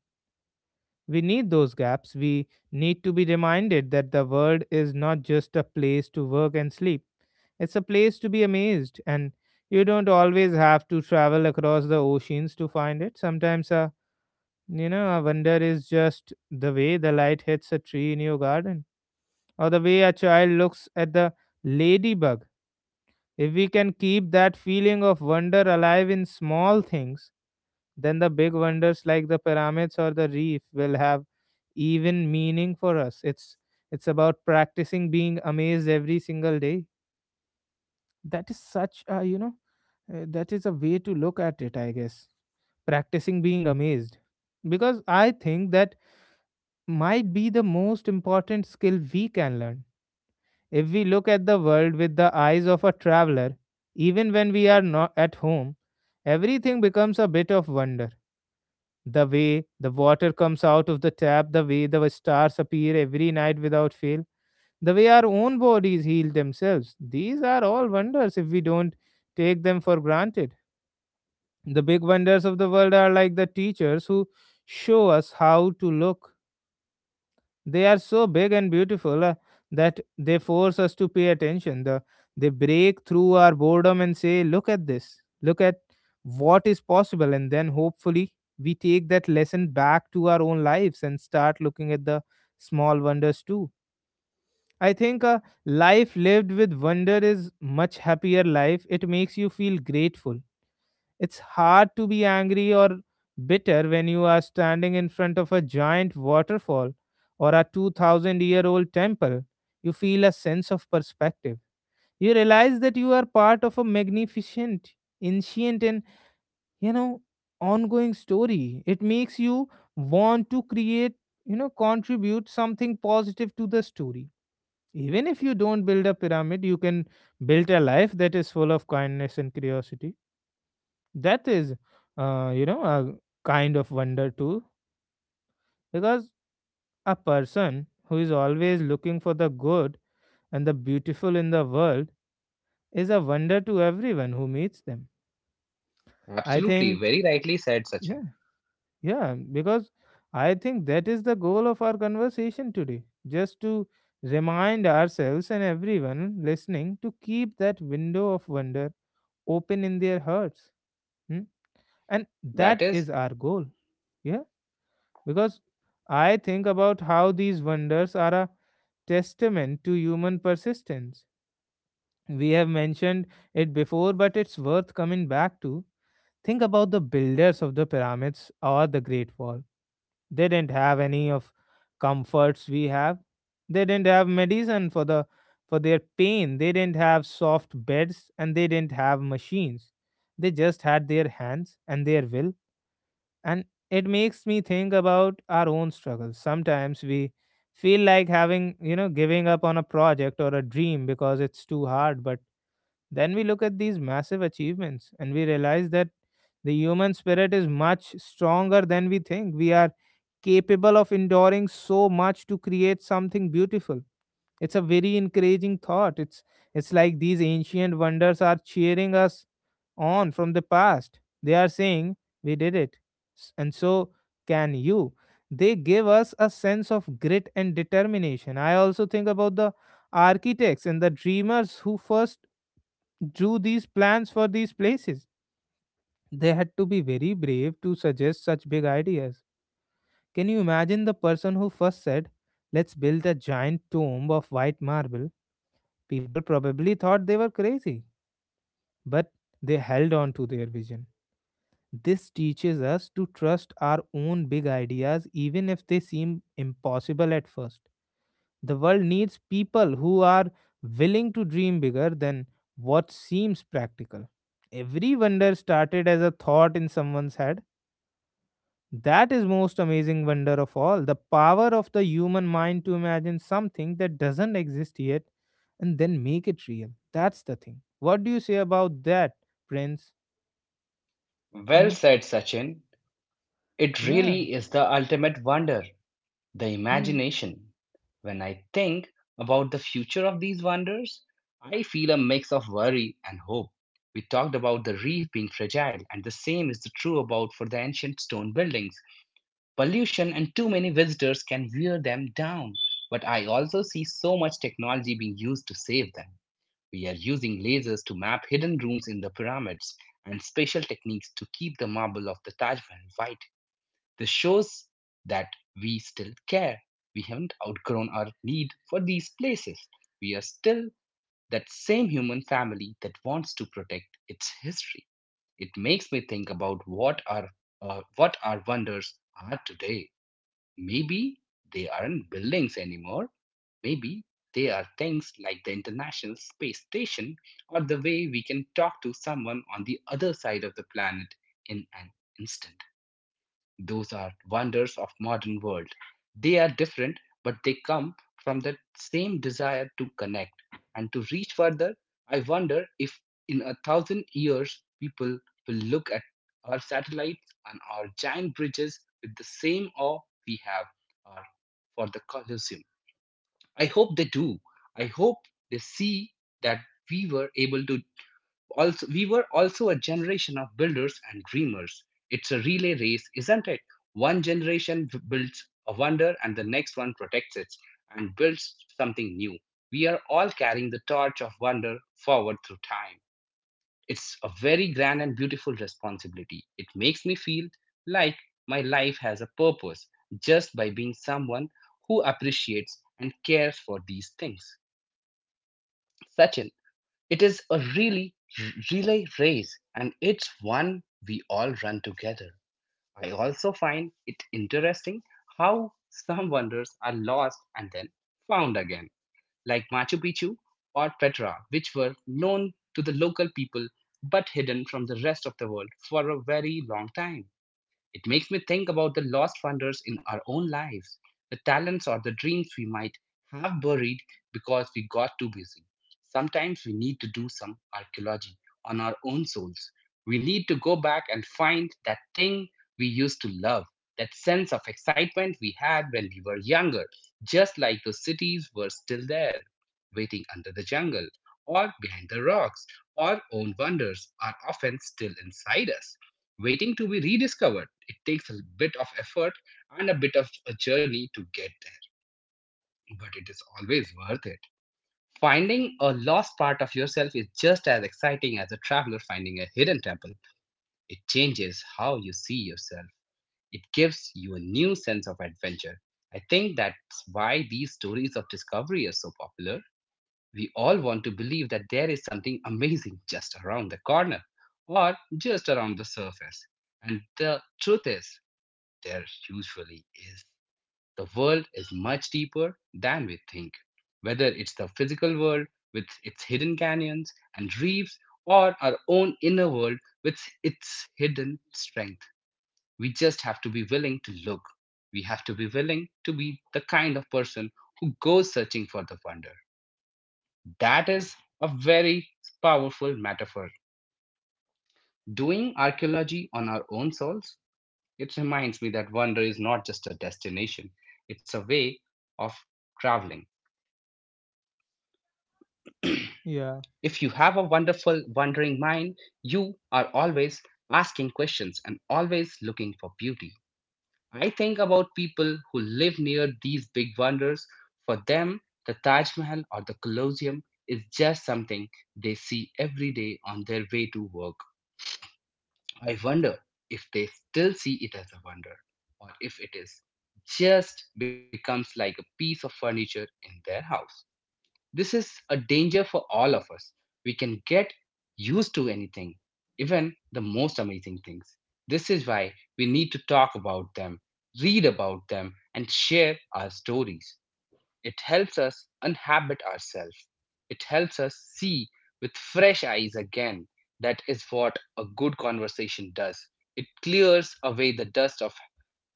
We need those gaps. We need to be reminded that the world is not just a place to work and sleep. It's a place to be amazed, and you don't always have to travel across the oceans to find it. Sometimes a you know a wonder is just the way the light hits a tree in your garden, or the way a child looks at the ladybug. If we can keep that feeling of wonder alive in small things, then the big wonders like the pyramids or the reef will have even meaning for us. It's about practicing being amazed every single day. That is such a you know that is a way to look at it, I guess. Practicing being amazed, because I think that might be the most important skill we can learn. If we look at the world with the eyes of a traveler, even when we are not at home, everything becomes a bit of wonder. The way the water comes out of the tap, the way the stars appear every night without fail, the way our own bodies heal themselves. These are all wonders if we don't take them for granted. The big wonders of the world are like the teachers who show us how to look. They are so big and beautiful that they force us to pay attention. They break through our boredom and say, "Look at this, look at what is possible." And then hopefully we take that lesson back to our own lives and start looking at the small wonders too. I think a life lived with wonder is much happier life. It makes you feel grateful. It's hard to be angry or bitter when you are standing in front of a giant waterfall or a 2000-year-old temple. You feel a sense of perspective. You realize that you are part of a magnificent, ancient and, you know, ongoing story. It makes you want to create, contribute something positive to the story. Even if you don't build a pyramid, you can build a life that is full of kindness and curiosity. That is, a kind of wonder too. Because a person who is always looking for the good and the beautiful in the world is a wonder to everyone who meets them. I
absolutely.
think,
Very rightly said, Sachin.
yeah, yeah, because I think that is the goal of our conversation today. Just to remind ourselves and everyone listening to keep that window of wonder open in their hearts. Hmm? And
That
that
is
is our goal. Yeah. Because I think about how these wonders are a testament to human persistence. We have mentioned it before, but it's worth coming back to. Think about the builders of the pyramids or the Great Wall. They didn't have any of comforts we have. They didn't have medicine for the for their pain. They didn't have soft beds and they didn't have machines. They just had their hands and their will, and it makes me think about our own struggles. Sometimes we feel like having, giving up on a project or a dream because it's too hard, but then we look at these massive achievements and we realize that the human spirit is much stronger than we think. We are capable of enduring so much to create something beautiful. It's a very encouraging thought. It's like these ancient wonders are cheering us on from the past. They are saying, "We did it, and so can you." They give us a sense of grit and determination. I also think about the architects and the dreamers who first drew these plans for these places. They had to be very brave to suggest such big ideas. Can you imagine the person who first said, "Let's build a giant tomb of white marble?" People probably thought they were crazy, but they held on to their vision. This teaches us to trust our own big ideas even if they seem impossible at first. The world needs people who are willing to dream bigger than what seems practical. Every wonder started as a thought in someone's head. That is most amazing wonder of all, the power of the human mind to imagine something that doesn't exist yet and then make it real. That's the thing. What do you say about that, Prince?
well
Hmm?
said, Sachin. It
Yeah.
really is the ultimate wonder, the
Hmm.
imagination. When I think about the future of these wonders, I feel a mix of worry and hope. We talked about the reef being fragile, and the same is the true about for the ancient stone buildings. Pollution and too many visitors can wear them down. But I also see so much technology being used to save them. We are using lasers to map hidden rooms in the pyramids and special techniques to keep the marble of the Taj Mahal white. This shows that we still care. We haven't outgrown our need for these places. We are still that same human family that wants to protect its history. It makes me think about what our wonders are today. Maybe they aren't buildings anymore. Maybe they are things like the International Space Station or the way we can talk to someone on the other side of the planet in an instant. Those are wonders of modern world. They are different, but they come from that same desire to connect and to reach further. I wonder if in a thousand years people will look at our satellites and our giant bridges with the same awe we have uh, for the Colosseum. I hope they do. I hope they see that we were able to we were also a generation of builders and dreamers. It's a relay race, isn't it? One generation builds a wonder and the next one protects it and builds something new. We are all carrying the torch of wonder forward through time. It's a very grand and beautiful responsibility. It makes me feel like my life has a purpose just by being someone who appreciates and cares for these things. Sachin, it is a really r- relay race, and it's one we all run together. I also find it interesting how some wonders are lost and then found again, like Machu Picchu or Petra, which were known to the local people but hidden from the rest of the world for a very long time. It makes me think about the lost wonders in our own lives, the talents or the dreams we might have buried because we got too busy. Sometimes we need to do some archaeology on our own souls. We need to go back and find that thing we used to love, that sense of excitement we had when we were younger, just like those cities were still there, waiting under the jungle, or behind the rocks. Our own wonders are often still inside us waiting to be rediscovered. It takes a bit of effort and a bit of a journey to get there, but it is always worth it. Finding a lost part of yourself is just as exciting as a traveler finding a hidden temple. It changes how you see yourself, it gives you a new sense of adventure. I think that's why these stories of discovery are so popular. We all want to believe that there is something amazing just around the corner or just around the surface. And the truth is, there usually is. The world is much deeper than we think, whether it's the physical world with its hidden canyons and reefs, or our own inner world with its hidden strength. We just have to be willing to look. We have to be willing to be the kind of person who goes searching for the wonder. That is a very powerful metaphor. Doing archaeology on our own souls. It reminds me that wonder is not just a destination, it's a way of traveling.
Yeah.
If you have a wonderful, wandering mind, you are always asking questions and always looking for beauty. I think about people who live near these big wonders. For them, the Taj Mahal or the Colosseum is just something they see every day on their way to work. I wonder if they still see it as a wonder or if it is just becomes like a piece of furniture in their house. This is a danger for all of us. We can get used to anything, even the most amazing things. This is why we need to talk about them, read about them, and share our stories. It helps us unhabit ourselves. It helps us see with fresh eyes again. That is what a good conversation does. It clears away the dust of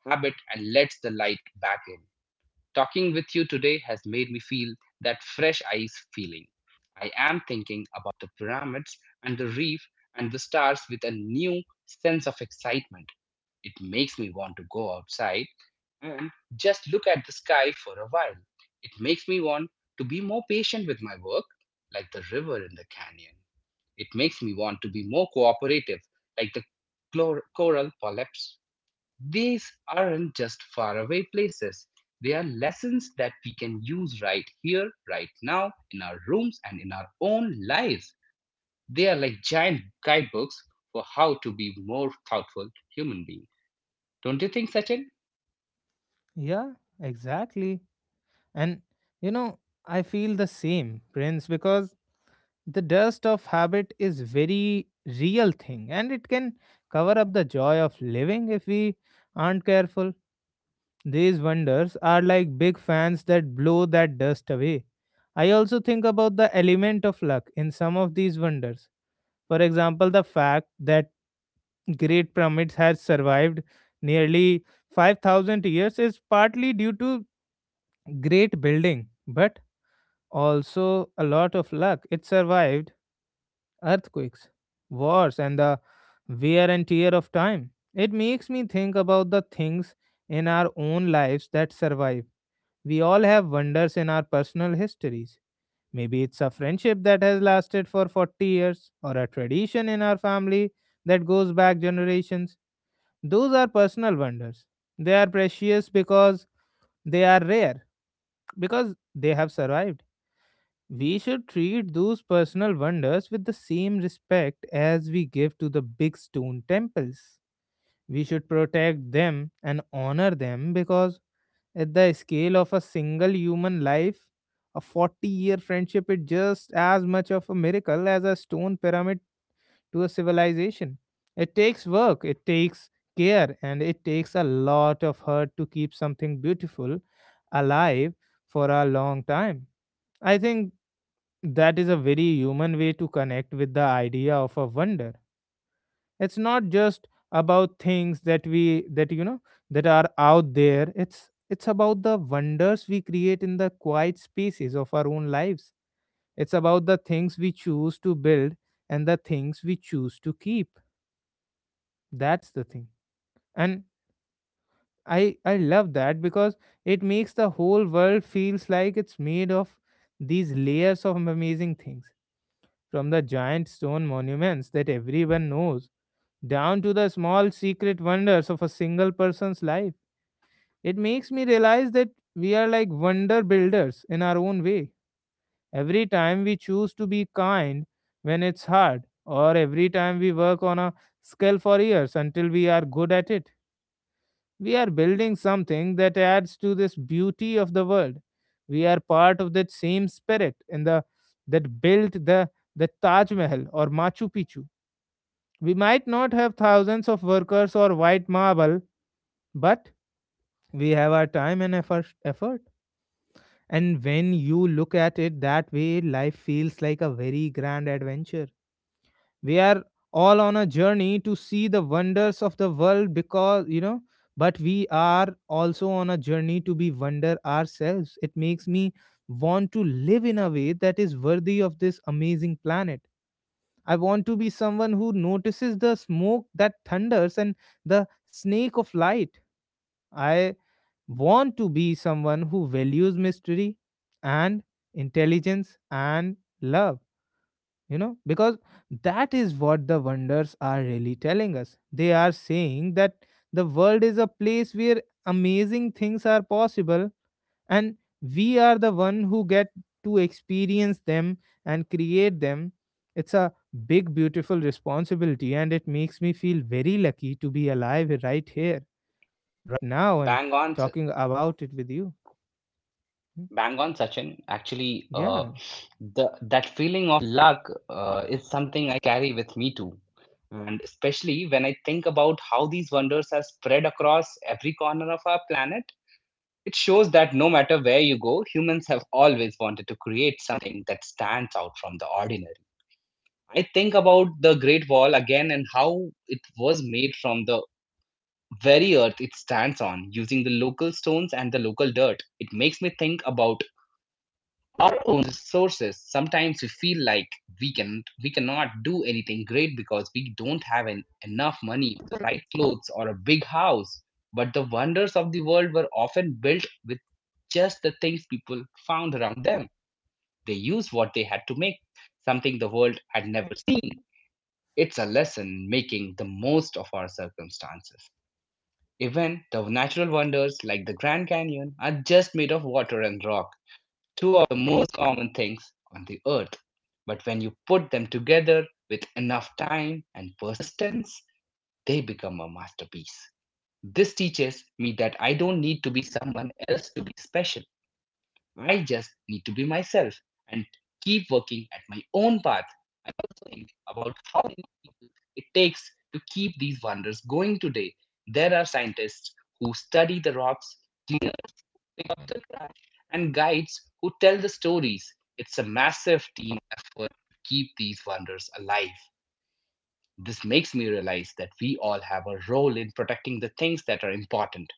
habit and lets the light back in. Talking with you today has made me feel that fresh eyes feeling. I am thinking about the pyramids and the reef and the stars with a new sense of excitement. It makes me want to go outside and just look at the sky for a while. It makes me want to be more patient with my work, like the river in the canyon. It makes me want to be more cooperative, like the coral polyps. These aren't just faraway places. They are lessons that we can use right here, right now, in our rooms and in our own lives. They are like giant guidebooks for how to be more thoughtful human beings. Don't you think, Sachin?
Yeah. Exactly. And you know, I feel the same, Prince, because the dust of habit is very real thing and it can cover up the joy of living if we aren't careful. These wonders are like big fans that blow that dust away. I also think about the element of luck in some of these wonders. For example, the fact that great pyramids has survived nearly 5,000 years is partly due to great building, but also a lot of luck. It survived earthquakes, wars, and the wear and tear of time. It makes me think about the things in our own lives that survive. We all have wonders in our personal histories. Maybe it's a friendship that has lasted for 40 years, or a tradition in our family that goes back generations. Those are personal wonders. They are precious because they are rare, because they have survived. We should treat those personal wonders with the same respect as we give to the big stone temples. We should protect them and honor them because, at the scale of a single human life, a 40-year friendship is just as much of a miracle as a stone pyramid to a civilization. It takes work, it takes care, and it takes a lot of hurt to keep something beautiful alive for a long time. I think that is a very human way to connect with the idea of a wonder. It's not just about things that we that you know that are out there. It's about the wonders we create in the quiet spaces of our own lives. It's about the things we choose to build and the things we choose to keep. That's the thing. And I love that because it makes the whole world feels like it's made of these layers of amazing things, from the giant stone monuments that everyone knows down to the small secret wonders of a single person's life. It makes me realize that we are like wonder builders in our own way. Every time we choose to be kind when it's hard, or every time we work on a skill for years until we are good at it, we are building something that adds to this beauty of the world. We are part of that same spirit in the that built the Taj Mahal or Machu Picchu. We might not have thousands of workers or white marble, but we have our time and effort. Effort. And when you look at it that way, life feels like a very grand adventure. We are all on a journey to see the wonders of the world because, but we are also on a journey to be wonder ourselves. It makes me want to live in a way that is worthy of this amazing planet. I want to be someone who notices the smoke that thunders and the snake of light. I want to be someone who values mystery and intelligence and love, because that is what the wonders are really telling us. They are saying that the world is a place where amazing things are possible and we are the one who get to experience them and create them. It's a big beautiful responsibility and it makes me feel very lucky to be alive right here right now and
Bang on, Sa-
talking about it with you. Hmm.
Bang on, Sachin. Actually,
yeah
the that feeling of luck is something I carry with me too, and especially when I think about how these wonders are spread across every corner of our planet, it shows that no matter where you go, humans have always wanted to create something that stands out from the ordinary. I think about the Great Wall again and how it was made from the very earth it stands on using the local stones and the local dirt. It makes me think about our own resources. Sometimes we feel like we cannot do anything great because we don't have enough money, the right clothes, or a big house, but the wonders of the world were often built with just the things people found around them. They used what they had to make something the world had never seen. It's a lesson making the most of our circumstances. Even the natural wonders like the Grand Canyon are just made of water and rock, two of the most common things on the earth. But when you put them together with enough time and persistence, they become a masterpiece. This teaches me that I don't need to be someone else to be special. I just need to be myself and keep working at my own path. I also think about how it takes to keep these wonders going today. There are scientists who study the rocks clean and guides who tell the stories. It's a massive team effort to keep these wonders alive. This makes me realize that we all have a role in protecting the things that are important.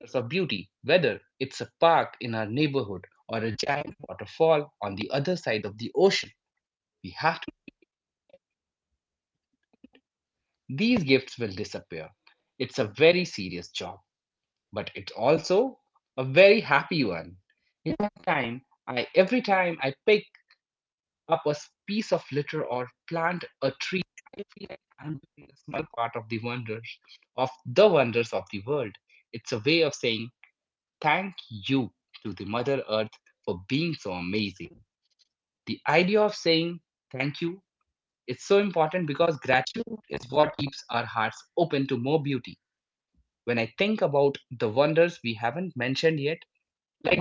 It's a beauty, whether it's a park in our neighborhood or a giant waterfall on the other side of the ocean. We have to. These gifts will disappear. It's a very serious job, but it's also a very happy one. In my time, I every time I pick up a piece of litter or plant a tree, I feel like I'm doing a small part of the wonders of the world. It's a way of saying thank you to the Mother Earth for being so amazing. The idea of saying thank you is so important because gratitude is what keeps our hearts open to more beauty. When I think about the wonders we haven't mentioned yet, like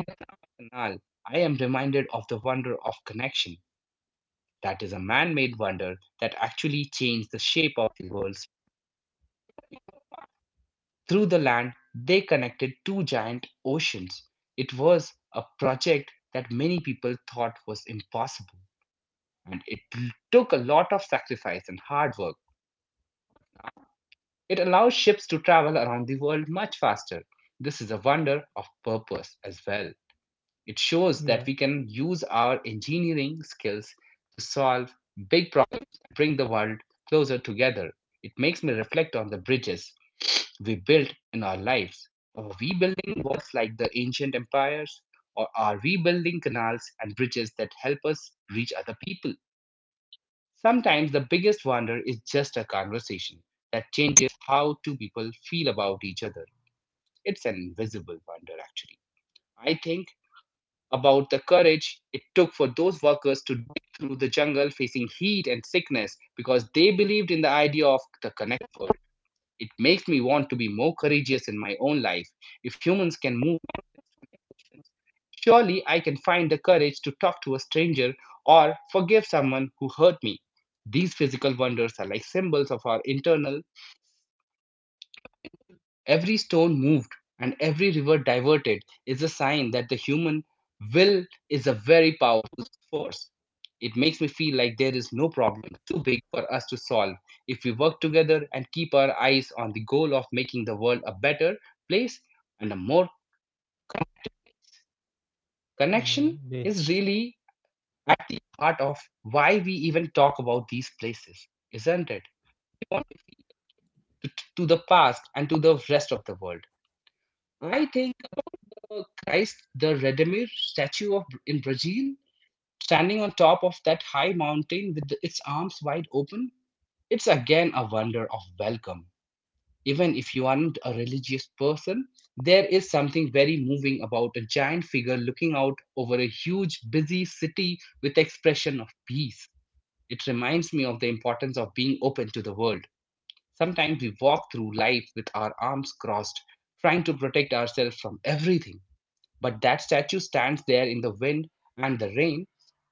Nal, I am reminded of the wonder of connection. That is a man made wonder that actually changed the shape of the world. Through the land, they connected two giant oceans. It was a project that many people thought was impossible, and it took a lot of sacrifice and hard work. It allows ships to travel around the world much faster. This is a wonder of purpose as well. It shows that
yeah
we can use our engineering skills to solve big problems and bring the world closer together. It makes me reflect on the bridges we built in our lives. Are we building walls like the ancient empires, or are we building canals and bridges that help us reach other people? Sometimes the biggest wonder is just a conversation that changes how two people feel about each other. It's an invisible wonder, actually. I think about the courage it took for those workers to dig through the jungle facing heat and sickness because they believed in the idea of the connected. It makes me want to be more courageous in my own life. If humans can move, surely I can find the courage to talk to a stranger or forgive someone who hurt me. These physical wonders are like symbols of our internal. Every stone moved and every river diverted is a sign that the human will is a very powerful force. It makes me feel like there is no problem too big for us to solve if we work together and keep our eyes on the goal of making the world a better place and a more connected.
yeah
Connection
they-
is really at the heart of why we even talk about these places, isn't it? We want To, to the past and to the rest of the world. I think about the Christ, the Redeemer statue of in Brazil, standing on top of that high mountain with its arms wide open. It's again a wonder of welcome. Even if you aren't a religious person, there is something very moving about a giant figure looking out over a huge, busy city with expression of peace. It reminds me of the importance of being open to the world. Sometimes we walk through life with our arms crossed, trying to protect ourselves from everything, but that statue stands there in the wind and the rain,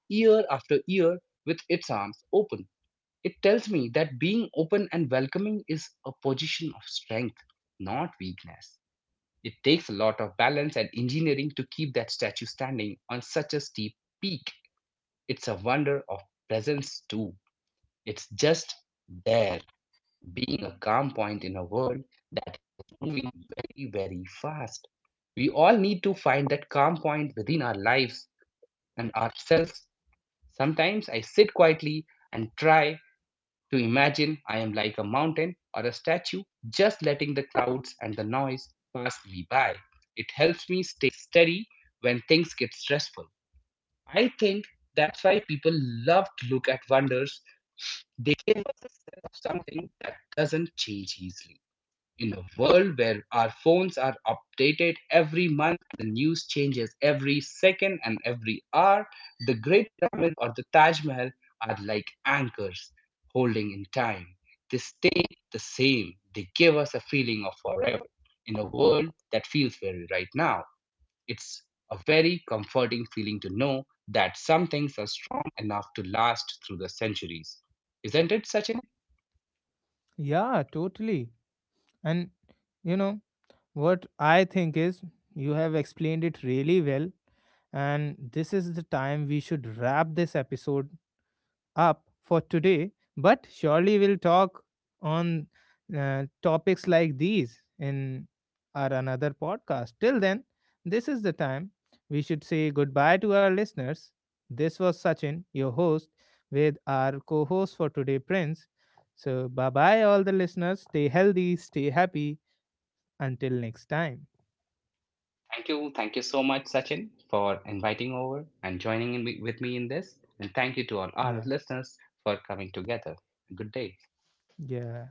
year after year, with its arms open. It tells me that being open and welcoming is a position of strength, not weakness. It takes a lot of balance and engineering to keep that statue standing on such a steep peak. It's a wonder of presence, too. It's just there, being a calm point in a world that is moving very, very fast. We all need to find that calm point within our lives and ourselves. Sometimes I sit quietly and try to imagine I am like a mountain or a statue, just letting the clouds and the noise pass me by. It helps me stay steady when things get stressful. I think that's why people love to look at wonders. They give us a sense of something that doesn't change easily. In a world where our phones are updated every month, the news changes every second and every hour, the Great Pyramid or the Taj Mahal are like anchors holding in time. They stay the same, they give us a feeling of forever in a world that feels very right now. It's a very comforting feeling to know that some things are strong enough to last through the centuries. Isn't it, Sachin?
yeah. Totally. And you know what I think is, you have explained it really well, and this is the time we should wrap this episode up for today, but surely we'll talk on topics like these in our another podcast. Till then, this is the time we should say goodbye to our listeners. This was Sachin, your host, with our co host for today, Prince. So, bye bye, all the listeners. Stay healthy, stay happy. Until next time.
Thank you. Thank you so much, Sachin, for inviting over and joining in with me in this. And thank you to all our
Yeah.
listeners for coming together. Good day.
Yeah.